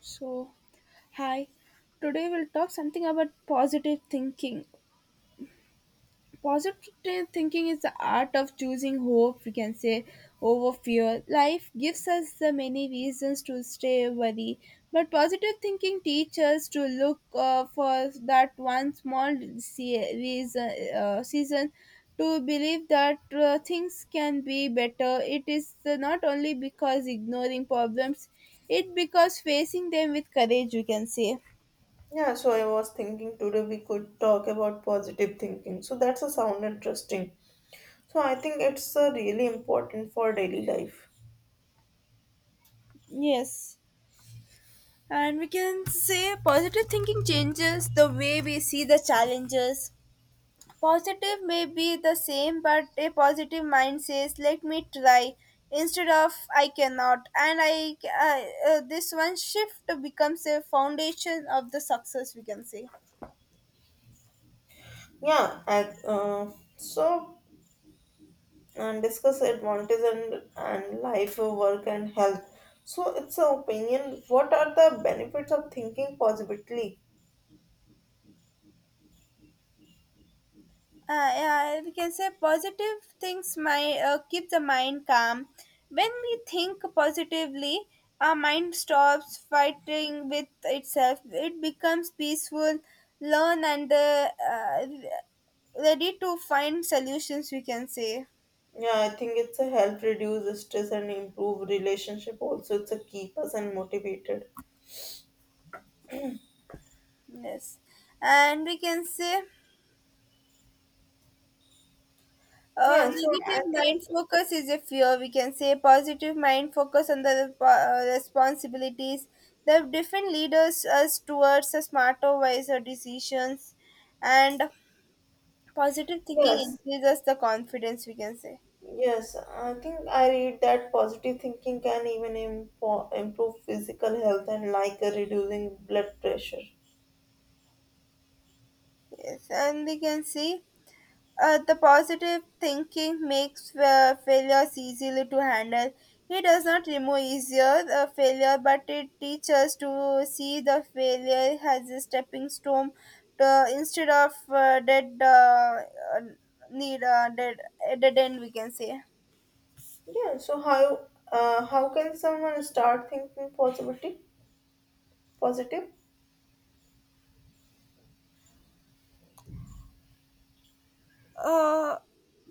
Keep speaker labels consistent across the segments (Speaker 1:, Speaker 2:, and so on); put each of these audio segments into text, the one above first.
Speaker 1: So, hi. Today we'll talk something about positive thinking. Positive thinking is the art of choosing hope, we can say, over fear. Life gives us the many reasons to stay worry, but positive thinking teaches us to look for that one small reason, season to believe that things can be better. It is not only because ignoring problems, it because facing them with courage, we can say.
Speaker 2: Yeah, so I was thinking today we could talk about positive thinking. So that's a sound interesting. So I think it's really important for daily life.
Speaker 1: Yes, and we can say positive thinking changes the way we see the challenges. Positive may be the same, but a positive mind says, "Let me try," instead of "I cannot." This one shift becomes a foundation of the success. We can say.
Speaker 2: Yeah, I, so and discuss advantages and life, work and health. So it's an opinion. What are the benefits of thinking positively?
Speaker 1: Yeah, we can say positive things might keep the mind calm. When we think positively, our mind stops fighting with itself. It becomes peaceful, learn and ready to find solutions. We can say.
Speaker 2: Yeah, I think it's a help reduce stress and improve relationship. Also, it's a keep us and motivated.
Speaker 1: Yes, and we can say
Speaker 2: Yeah, so I
Speaker 1: negative mind
Speaker 2: think
Speaker 1: focus is a fear. We can say positive mind focus on the responsibilities. The different leaders us towards a smarter, wiser decisions, and positive thinking
Speaker 2: yes,
Speaker 1: increases the confidence. We can say.
Speaker 2: Yes, I think I read that positive thinking can even improve physical health and like reducing blood pressure.
Speaker 1: Yes, and we can see the positive thinking makes failures easily to handle. It does not remove easier failure, but it teaches us to see the failure as a stepping stone to, instead of uh, need uh, dead, dead end. We can say.
Speaker 2: Yeah, so how can someone start thinking positivity? Positive?
Speaker 1: uh,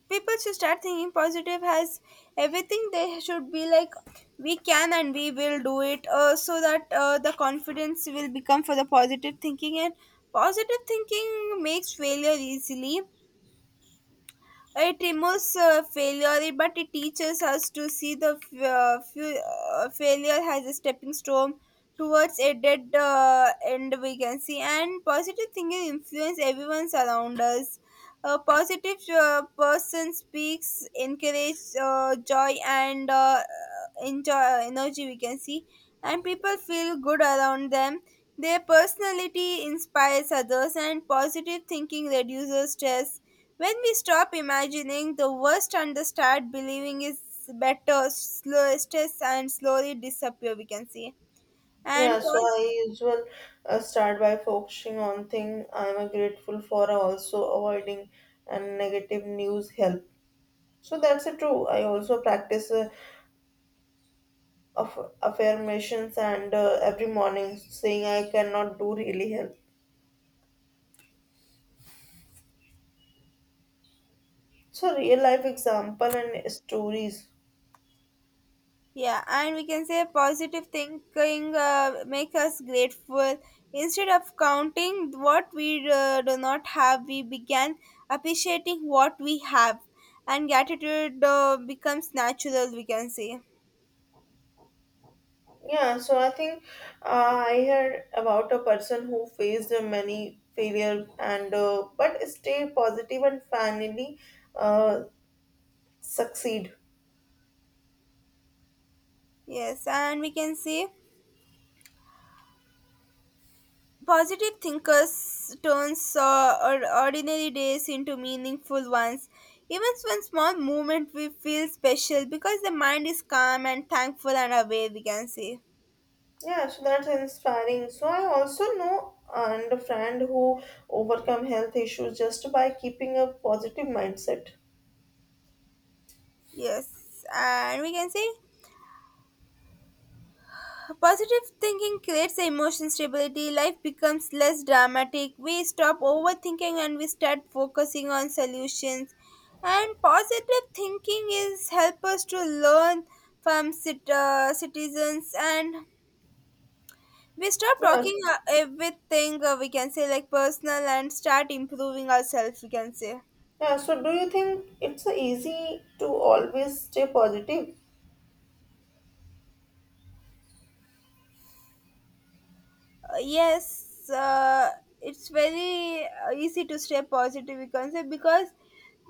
Speaker 1: People should start thinking positive has everything they should be like we can and we will do it so that the confidence will become for the positive thinking and positive thinking makes failure easily it removes failure, but it teaches us to see the failure as a stepping stone towards a dead end we can see. And positive thinking influence everyone around us. A positive person speaks, encourage joy and enjoy energy we can see. And people feel good around them. Their personality inspires others, and positive thinking reduces stress when we stop imagining the worst and the start believing is better, slow stress and slowly disappear. We can see and
Speaker 2: Yeah, so
Speaker 1: pos-
Speaker 2: I usually start by focusing on thing I'm grateful for, also avoiding and negative news help. So that's true. I also practice affirmations and every morning saying I cannot do really help so real life example and stories
Speaker 1: yeah, and we can say positive thinking make us grateful. Instead of counting what we do not have, we began appreciating what we have, and gratitude becomes natural. We can see.
Speaker 2: yeah so I think I heard about a person who faced many failure and but stay positive and finally uh, succeed
Speaker 1: Yes, and we can see positive thinkers turns or ordinary days into meaningful ones. Even when small movement we feel special because the mind is calm and thankful and aware we can say.
Speaker 2: yeah so that's inspiring so I also know and a friend who overcome health issues just by keeping a positive mindset
Speaker 1: Yes. And we can say positive thinking creates emotion stability, life becomes less dramatic, we stop overthinking and we start focusing on solutions. And positive thinking is help us to learn from citizens and we stop
Speaker 2: yes
Speaker 1: talking everything we can say like personal and start improving ourselves we can say. uh,
Speaker 2: yeah so do you think it's easy to always stay positive
Speaker 1: yes uh, it's very easy to stay positive we can say because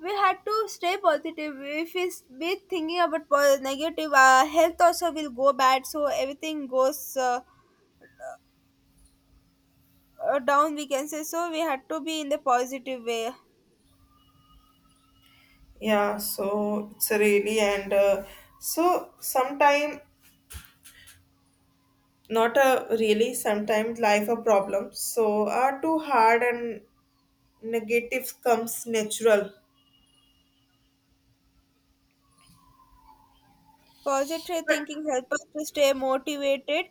Speaker 1: we had to stay positive if we be thinking about negative our health also will go bad so everything goes down we can say so we had to be in the positive way.
Speaker 2: Yeah, so it's a really and so sometime not a really sometimes life a problem. So are too hard and negative comes natural.
Speaker 1: Positive thinking help us to stay motivated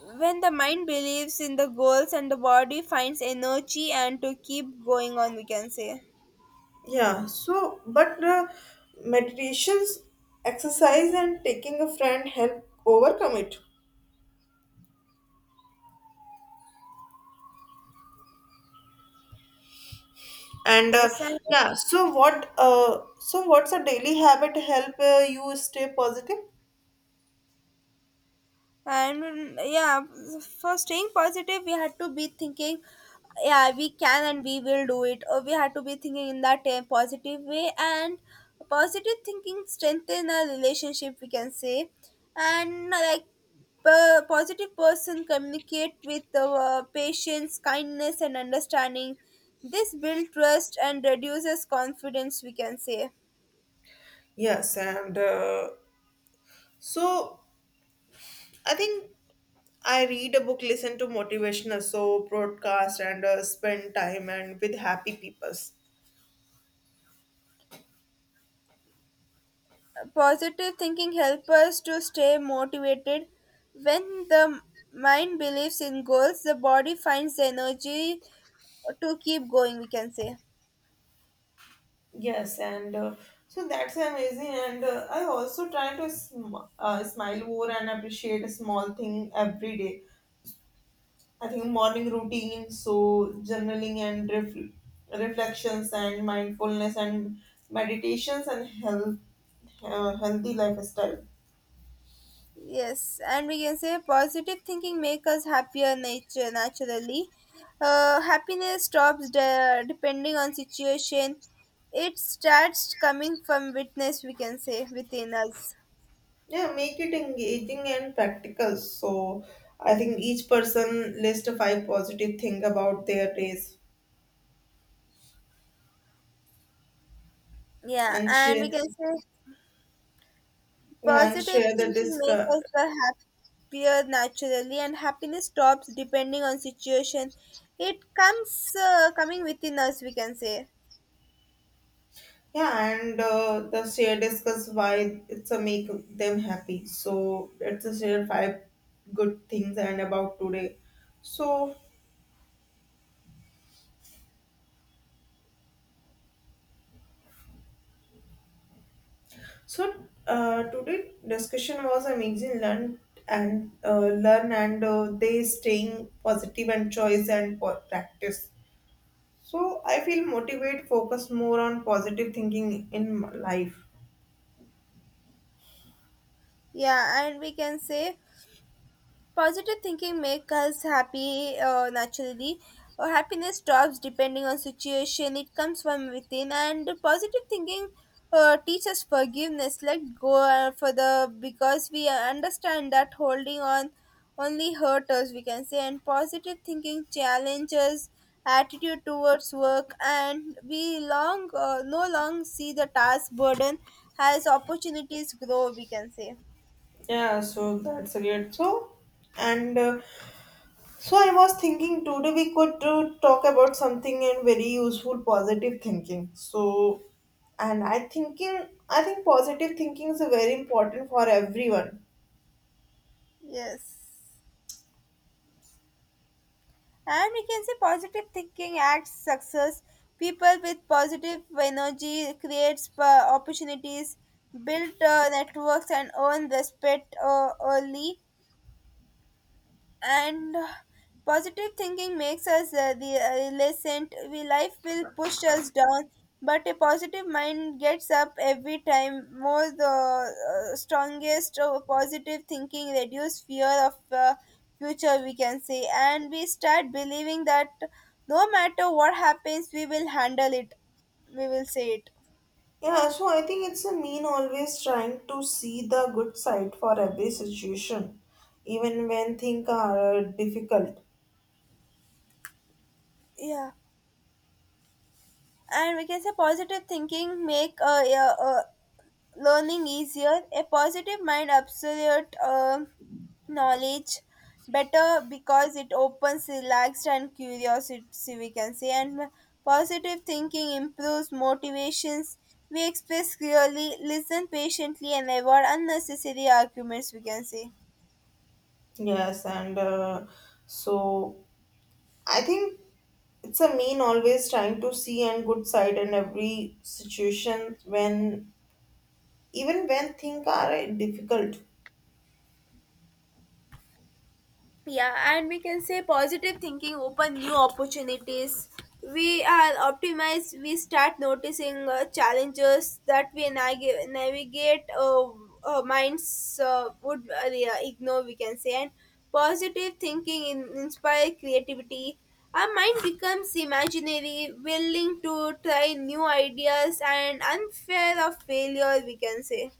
Speaker 1: when the mind believes in the goals and the body finds energy and to keep going on, we can say.
Speaker 2: Yeah, so but meditations, exercise, and taking a friend help overcome it. And
Speaker 1: Yes,
Speaker 2: yeah, so what? So what's a daily habit help you stay positive?
Speaker 1: and for staying positive, we had to be thinking, yeah, we can and we will do it. Or we had to be thinking in that positive way, and positive thinking strengthen our relationship, we can say. And like a positive person communicate with patience kindness and understanding this builds trust and reduces confidence we can say.
Speaker 2: Yes, and so I think I read a book, listen to motivational so broadcast, and spend time and with happy peoples.
Speaker 1: Positive thinking helps us to stay motivated when the mind believes in goals the body finds the energy to keep going we can say.
Speaker 2: Yes, and so that's amazing. And I also try to smile more and appreciate a small thing every day. I think morning routine, so journaling and reflections and mindfulness and meditations and health, healthy lifestyle.
Speaker 1: Yes, and we can say positive thinking makes us happier nature naturally. Happiness stops depending on situation. It starts coming from witness. We can say within us.
Speaker 2: Yeah, make it engaging and practical. So I think each person list five positive thing about their days
Speaker 1: Yeah,
Speaker 2: and
Speaker 1: and we
Speaker 2: share
Speaker 1: can say
Speaker 2: yeah and
Speaker 1: positive
Speaker 2: share the
Speaker 1: thinking makes
Speaker 2: discuss
Speaker 1: us the happier naturally, and happiness stops depending on situation. It comes coming within us. We can say.
Speaker 2: yeah and the share discuss why it's a make them happy. So it's a share five good things and about today. So so today discussion was amazing. Learn and they staying positive and choice and practice. So I feel motivate, focus more on positive thinking in life.
Speaker 1: Yeah, and we can say positive thinking makes us happy naturally. Happiness drops depending on situation. It comes from within, and positive thinking teaches forgiveness. Let go for the because we understand that holding on only hurt us. We can say, and positive thinking challenges attitude towards work, and we long no long see the task burden as opportunities grow. We can say.
Speaker 2: Yeah, so that's great. So, and so I was thinking today we could talk about something and very useful positive thinking. So, and I thinking I think positive thinking is very important for everyone.
Speaker 1: Yes. And we can see positive thinking acts success. People with positive energy creates opportunities, build networks, and earn respect early and positive thinking makes us the resilient we life will push us down but a positive mind gets up every time more the strongest. Positive thinking reduce fear of future we can say and we start believing that no matter what happens we will handle it we will say it.
Speaker 2: Yeah, so I think it's a mean always trying to see the good side for every situation, even when things are difficult.
Speaker 1: Yeah, and we can say positive thinking make learning easier, a positive mind, absolute knowledge better because it opens relaxed and curiosity we can say, and positive thinking improves motivations we express clearly listen patiently and avoid unnecessary arguments we can say.
Speaker 2: Yes, and so I think it's a mean always trying to see and good side in every situation when even when things are difficult.
Speaker 1: Yeah, and we can say positive thinking open new opportunities. We are optimized. We start noticing challenges that we navigate minds would yeah, ignore. We can say, and positive thinking inspire creativity. Our mind becomes imaginary, willing to try new ideas and unfair of failure. We can say.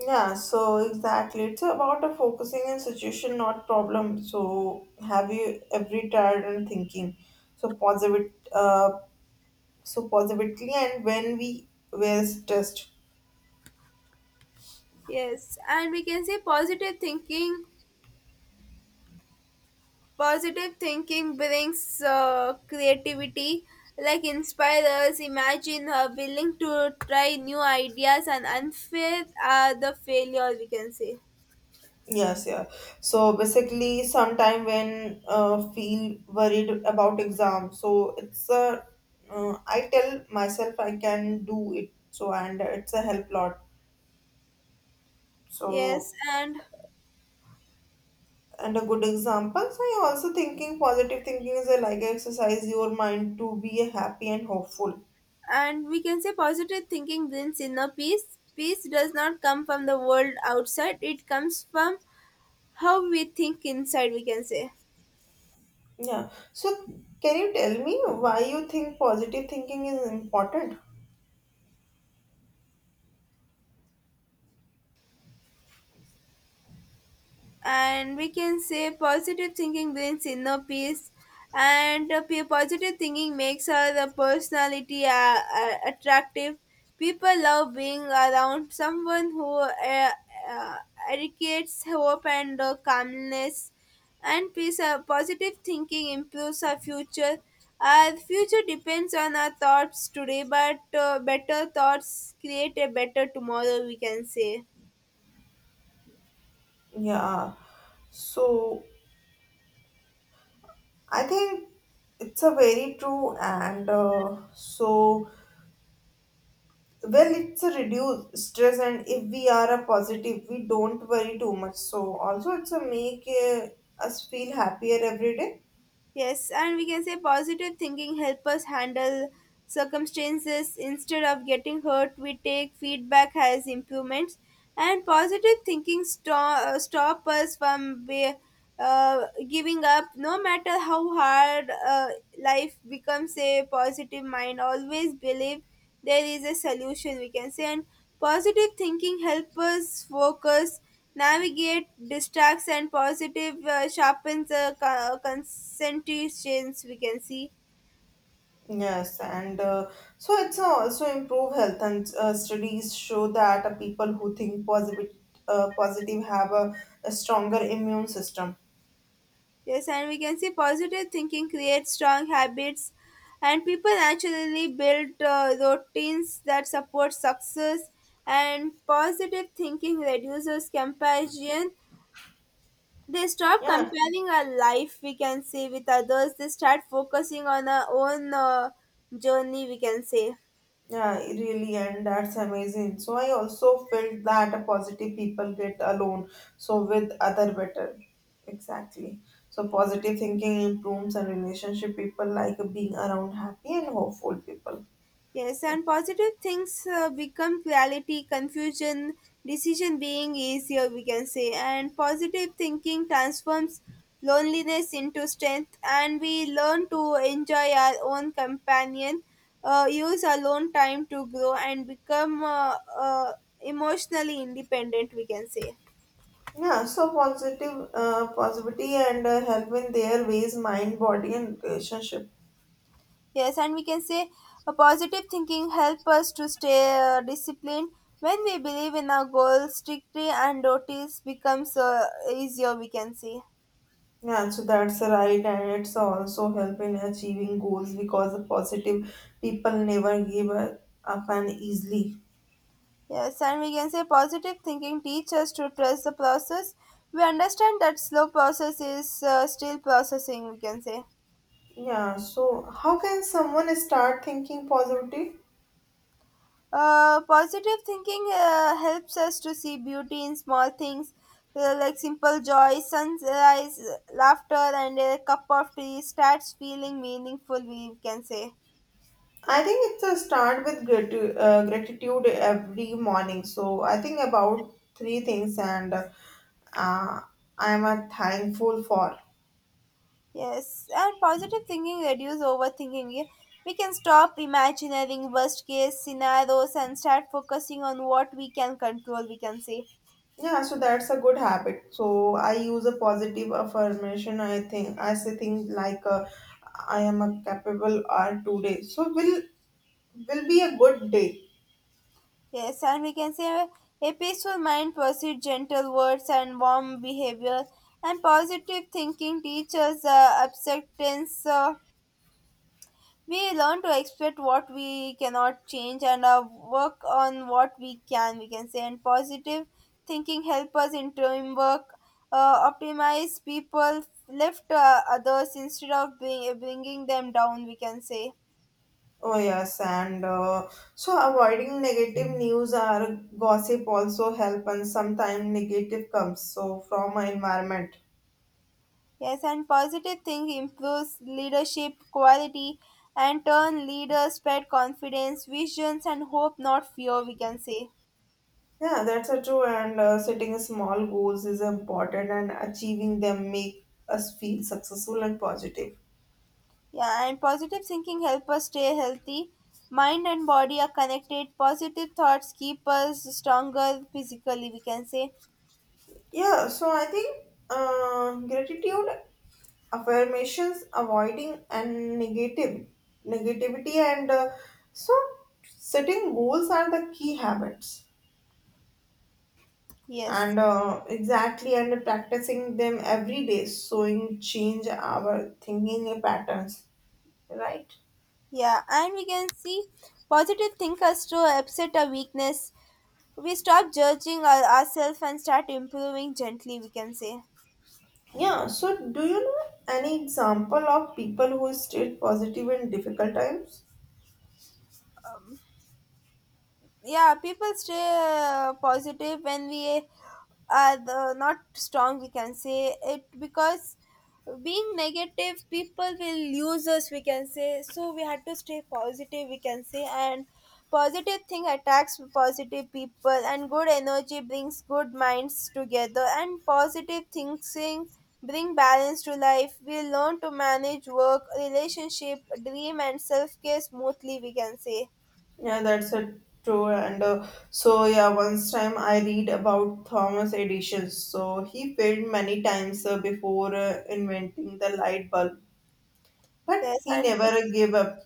Speaker 2: Yeah, so exactly. It's about a focusing on situation, not problem. So have you every tired and thinking? So positive, so positively, and when we were stressed.
Speaker 1: Yes, and we can say positive thinking Positive thinking brings creativity, like inspire us, imagine, willing to try new ideas, and unfair are the failure we can say.
Speaker 2: Yes, yeah. So basically, sometime when feel worried about exam, so it's a I tell myself I can do it. So and it's a help lot.
Speaker 1: Yes,
Speaker 2: So
Speaker 1: and
Speaker 2: and a good example. So I also thinking positive thinking is a like exercise your mind to be happy and hopeful.
Speaker 1: and we can say positive thinking brings inner peace. Peace does not come from the world outside; it comes from how we think inside. We can say.
Speaker 2: Yeah. So can you tell me why you think positive thinking is important?
Speaker 1: And we can say positive thinking brings inner peace and positive thinking makes our personality attractive people love being around someone who uh, educates hope and calmness and peace. Positive thinking improves our future depends on our thoughts today but better thoughts create a better tomorrow we can say.
Speaker 2: Yeah. So I think it's a very true and well it's a reduced stress and if we are a positive we don't worry too much so also it's a make us feel happier every day
Speaker 1: Yes, and we can say positive thinking help us handle circumstances instead of getting hurt. We take feedback as improvements, and positive thinking stop us from giving up. No matter how hard life becomes, a positive mind always believe there is a solution we can say, and positive thinking helps us focus navigate distracts and positive sharpens concentrations we can see.
Speaker 2: yes and so it's also improve health and studies show that people who think positive positive have a stronger immune system
Speaker 1: Yes, and we can see positive thinking creates strong habits and people naturally build routines that support success, and positive thinking reduces comparison. They stop
Speaker 2: yeah
Speaker 1: comparing our life, we can say, with others. They start focusing on our own journey, we can say.
Speaker 2: Yeah, really, and that's amazing. So I also felt that a positive people get alone, so with other better. Exactly. So positive thinking improves and relationship. People like being around happy and hopeful people.
Speaker 1: Yes, and positive things become reality, confusion, decision being easier, we can say. And positive thinking transforms loneliness into strength, and we learn to enjoy our own companion, use alone time to grow, and become emotionally independent, we can say.
Speaker 2: Yeah, so positive, positivity and help in their ways, mind, body, and relationship.
Speaker 1: Yes, and we can say a positive thinking help us to stay disciplined. When we believe in our goals strictly and notice becomes easier, we can say.
Speaker 2: Yeah, so that's right, and it's also help in achieving goals because the positive people never give up and easily.
Speaker 1: Yes, and we can say positive thinking teaches us to trust the process. We understand that slow process is still processing, we can say.
Speaker 2: Yeah, so how can someone start thinking positive?
Speaker 1: Positive thinking helps us to see beauty in small things like simple joy, sunrise, laughter, and a cup of tea starts feeling meaningful, we can say.
Speaker 2: I think it's a start with gratitude every morning. So I think about three things and uh, I'm thankful for.
Speaker 1: Yes, and positive thinking reduce overthinking. We can stop imagining worst case scenarios and start focusing on what we can control, we can say.
Speaker 2: Yeah, so that's a good habit. So I use a positive affirmation. I think I say things like I am a capable R today. So will be a good day
Speaker 1: Yes, and we can say a peaceful mind pursues gentle words and warm behavior, and positive thinking teaches acceptance. We learn to accept what we cannot change and work on what we can. We can say, and positive thinking help us in teamwork, optimize people, lift others instead of bringing them down. We can say.
Speaker 2: Oh yes, and so avoiding negative news or gossip also help, and sometimes negative comes so from our environment.
Speaker 1: Yes, and positive think improves leadership quality and turn leaders spread confidence, visions, and hope, not fear, we can say.
Speaker 2: Yeah, that's a true. And setting small goals is important, and achieving them make us feel successful and positive.
Speaker 1: Yeah, and positive thinking help us stay healthy. Mind and body are connected. Positive thoughts keep us stronger physically, we can say.
Speaker 2: Yeah, so I think gratitude, affirmations, avoiding and negative negativity, and so setting goals are the key habits.
Speaker 1: Yes.
Speaker 2: And exactly and practicing them every day showing change our thinking patterns right
Speaker 1: Yeah, and we can see positive thinkers to upset our weakness. We stop judging ourselves and start improving gently, we can say.
Speaker 2: yeah so do you know any example of people who stayed positive in difficult times
Speaker 1: Yeah, people stay positive when we are not strong, we can say, it because being negative people will use us, we can say. So we had to stay positive, we can say. And positive thing attracts positive people, and good energy brings good minds together, and positive thinking bring balance to life. We learn to manage work, relationship, dream, and self-care smoothly, we can say.
Speaker 2: yeah that's a true and so yeah once time I read about Thomas Edison so he failed many times before inventing the light bulb but
Speaker 1: Yes,
Speaker 2: he
Speaker 1: and
Speaker 2: never gave up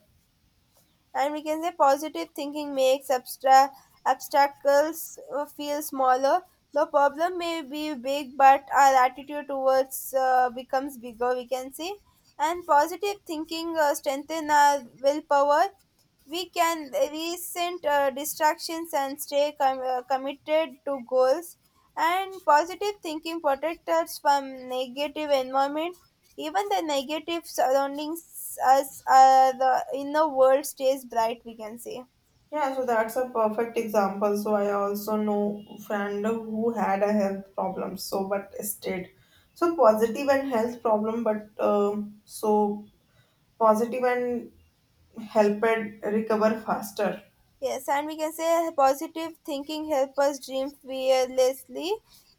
Speaker 1: and we can say positive thinking makes abstract obstacles feel smaller. The problem may be big, but our attitude towards becomes bigger, we can say. And positive thinking strengthen our willpower. We can resent distractions and stay committed to goals. And positive thinking protects us from negative environment. Even the negative surroundings us, the inner world stays bright, we can say.
Speaker 2: Yeah, so that's a perfect example. So I also know friend who had a health problem, so but stayed. So positive and health problem, but so positive and helped recover faster.
Speaker 1: Yes, and we can say positive thinking help us dream fearlessly,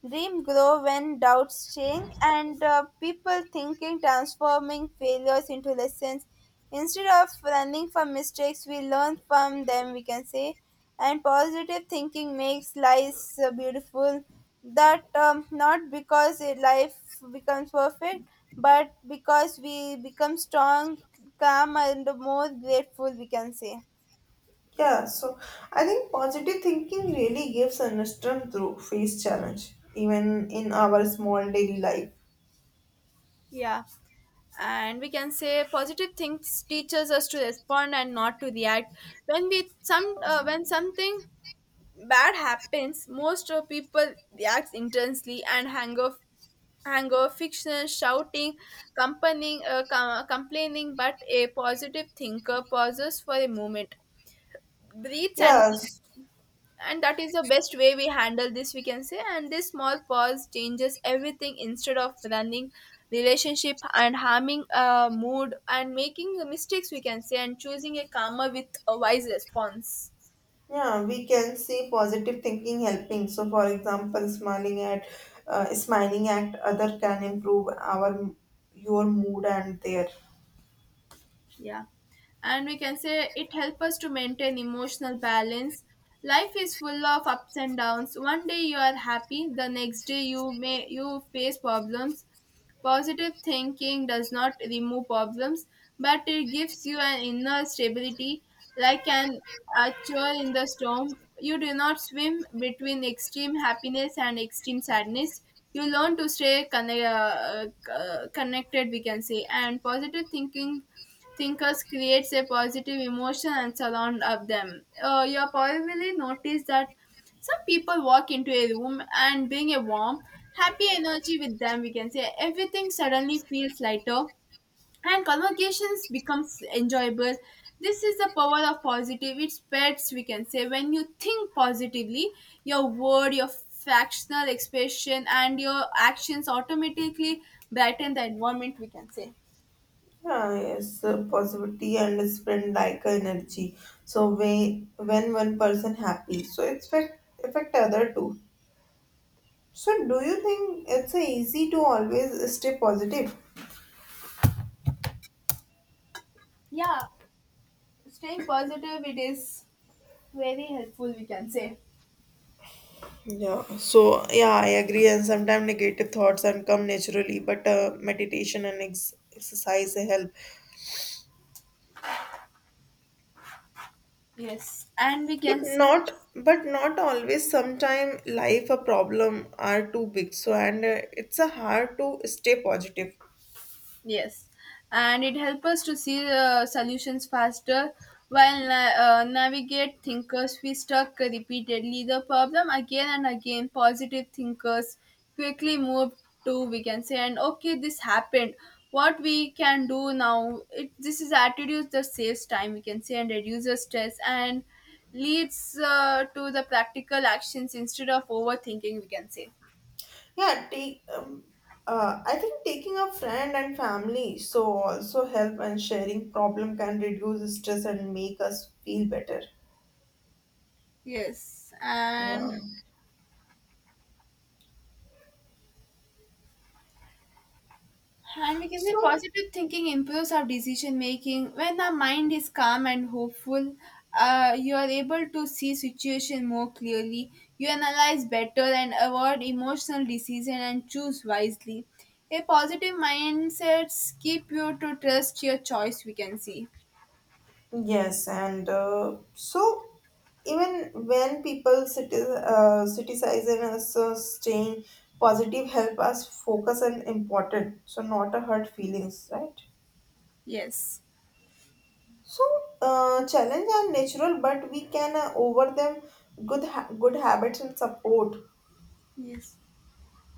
Speaker 1: dream grow when doubts change, and people thinking transforming failures into lessons. Instead of running from mistakes, we learn from them, we can say. And positive thinking makes life beautiful. That not because life becomes perfect, but because we become strong, calm, and more grateful, we can say.
Speaker 2: Yeah, so I think positive thinking really gives an strength to face challenge, even in our small daily life.
Speaker 1: Yeah. And we can say positive things teaches us to respond and not to react. When we some when something bad happens, most of people react intensely and hang off: anger, fiction, shouting, complaining. But a positive thinker pauses for a moment, breathes, and thinks,
Speaker 2: Yes.
Speaker 1: and that is the best way we handle this, we can say. And this small pause changes everything, instead of running relationship and harming a mood and making the mistakes, we can say, and choosing a calmer with a wise response.
Speaker 2: Yeah, we can see positive thinking helping. So, for example, smiling at other can improve our your mood and their
Speaker 1: Yeah, and we can say it helps us to maintain emotional balance. Life is full of ups and downs. One day you are happy, the next day you may you face problems. Positive thinking does not remove problems, but it gives you an inner stability, like an anchor in the storm. You do not swim between extreme happiness and extreme sadness. You learn to stay connected, we can say. And positive thinking thinkers creates a positive emotion and surround of them. You probably noticed that some people walk into a room and bring a warm, happy energy with them. We can say everything suddenly feels lighter and conversations becomes enjoyable. This is the power of positive. It spreads. We can say when you think positively, your word, your fractional expression, and your actions automatically brighten the environment. We can say.
Speaker 2: yeah yes positivity and spread like energy. So when one person happy, so it's affect other too. So do you think it's easy to always stay positive?
Speaker 1: Yeah, staying positive, it is very helpful, we can say.
Speaker 2: Yeah, so yeah, I agree. And sometimes negative thoughts and come naturally, but meditation and exercise help.
Speaker 1: Yes, and we
Speaker 2: But
Speaker 1: can see.
Speaker 2: not, but not always. Sometimes life a problem are too big, so and it's a hard to stay positive.
Speaker 1: Yes, and it helps us to see solutions faster. While navigate thinkers, we stuck repeatedly the problem again and again. Positive thinkers quickly move to, we can say, and okay, this happened. What we can do now? It This is attitude that saves time, we can say, and reduces stress and leads to the practical actions instead of overthinking, we can say.
Speaker 2: Yeah, take. I think taking a friend and family so also help and sharing problem can reduce stress and make us feel better.
Speaker 1: Yes, and
Speaker 2: Yeah.
Speaker 1: And we can say
Speaker 2: So
Speaker 1: positive thinking improves our decision making. When our mind is calm and hopeful, you are able to see situation more clearly. You analyze better and avoid emotional decision and choose wisely. A positive mindset keep you to trust your choice. We can see.
Speaker 2: Yes, and so even when people criticizing us staying positive help us focus on important, so not a hurt feelings, right?
Speaker 1: Yes.
Speaker 2: So challenge are natural, but we can over them good habits and support.
Speaker 1: Yes,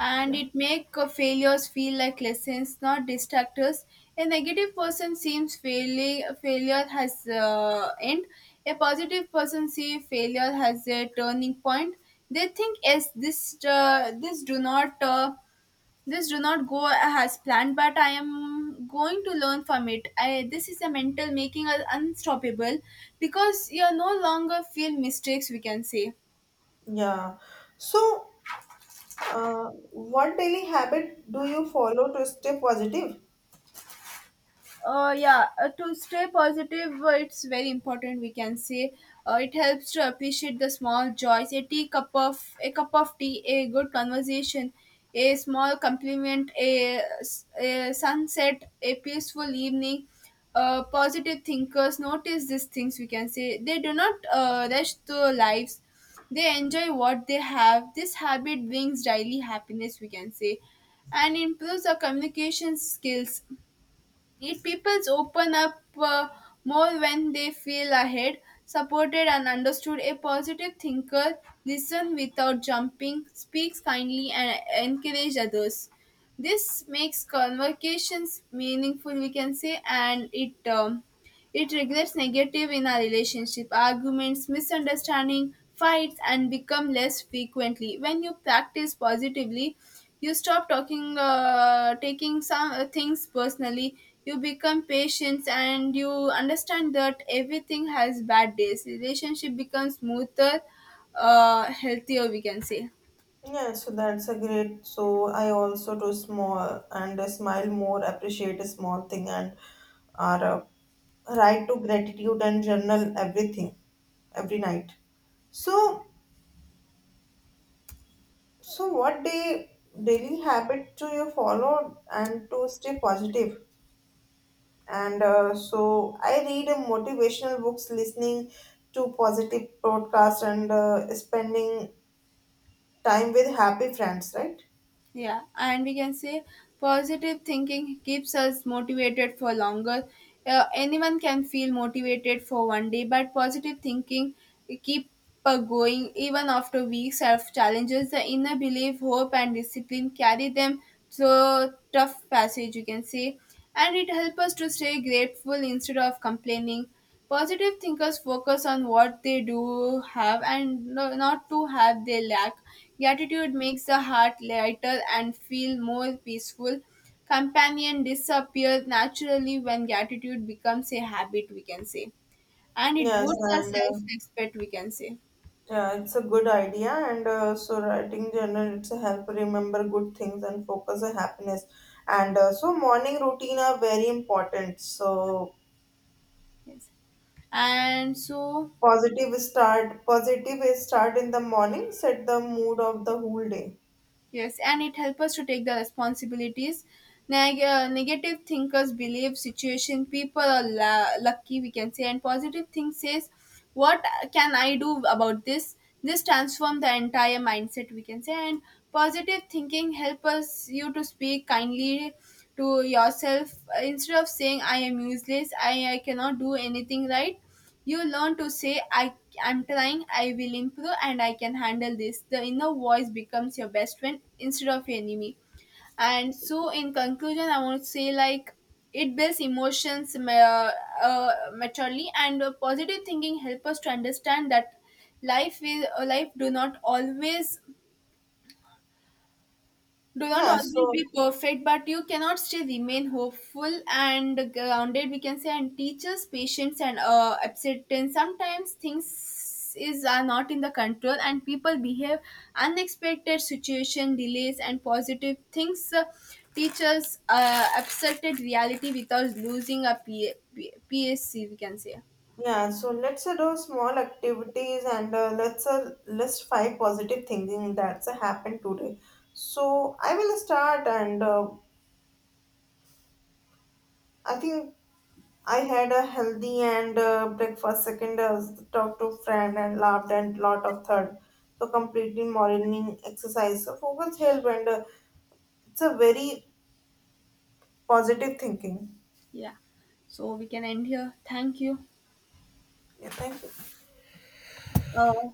Speaker 1: and
Speaker 2: Yeah.
Speaker 1: it make failures feel like lessons, not distractors. A negative person seems failing failure has end. A positive person see failure has a turning point. They think, yes, this do not this do not go as planned, but I am going to learn from it. This is a mental making us unstoppable, because you are no longer feel mistakes, we can say.
Speaker 2: Yeah. So what daily habit do you follow to stay positive?
Speaker 1: Yeah, to stay positive, it's very important, we can say. Uh, it helps to appreciate the small joys: a cup of tea, a good conversation, a small compliment, a sunset, a peaceful evening. Uh, positive thinkers notice these things, we can say. They do not rush their lives. They enjoy what they have. This habit brings daily happiness, we can say, and improves our communication skills. It peoples open up more when they feel ahead, supported, and understood. A positive thinker listens without jumping, speaks kindly, and encourages others. This makes conversations meaningful, we can say, and it it triggers negative in our relationship. Arguments, misunderstanding, fights, and become less frequently. When you practice positively, you stop taking some things personally. You become patient and you understand that everything has bad days. Relationship becomes smoother, healthier. We can say.
Speaker 2: Yeah, so that's a great. So I also do small and smile more, appreciate a small thing, and are write to gratitude and journal everything every night. So, so what day daily habit do you follow and to stay positive? And so I read motivational books, listening to positive podcasts, and spending time with happy friends. Right?
Speaker 1: Yeah, and we can say positive thinking keeps us motivated for longer. Anyone can feel motivated for one day, but positive thinking keep going even after weeks of challenges. The inner belief, hope, and discipline carry them through tough passage. You can say, and it helps us to stay grateful instead of complaining. Positive thinkers focus on what they do have and not to have they lack. Gratitude makes the heart lighter and feel more peaceful. Companion disappears naturally when gratitude becomes a habit, we can say. And it
Speaker 2: Yes,
Speaker 1: boosts our
Speaker 2: and.
Speaker 1: self respect, we can say.
Speaker 2: Yeah, it's a good idea, and so writing journal it's a help remember good things and focus on happiness. And so morning routine are very important. So
Speaker 1: Yes. And so,
Speaker 2: positive start, positive is start in the morning set the mood of the whole day.
Speaker 1: yes, and it helps us to take the responsibilities. Negative thinkers believe situation people are lucky, we can say, and positive think says, what can I do about this? This transform the entire mindset, we can say. And positive thinking help us you to speak kindly to yourself, instead of saying, I am useless, I cannot do anything right. You learn to say, I'm trying, I will improve, and I can handle this. The inner voice becomes your best friend instead of your enemy. And so, in conclusion, I want to say, like, it builds emotions maturely, and positive thinking help us to understand that life is life do not
Speaker 2: Yeah.
Speaker 1: always be
Speaker 2: So
Speaker 1: perfect, but you cannot still remain hopeful and grounded. We can say, and teaches patience and acceptance. Sometimes things is are not in the control, and people behave unexpected situation delays and positive things. Teachers accepted reality without losing a PSC. We can say.
Speaker 2: yeah. So let's do small activities and let's list five positive thinking that's happened today. So I will start, and I think I had a healthy and breakfast. Second, I was talked to friend and laughed and lot of third. So completely morning exercise. So focus help and it's a very positive thinking.
Speaker 1: Yeah. So we can end here. Thank you.
Speaker 2: Yeah, thank you.
Speaker 1: Uh,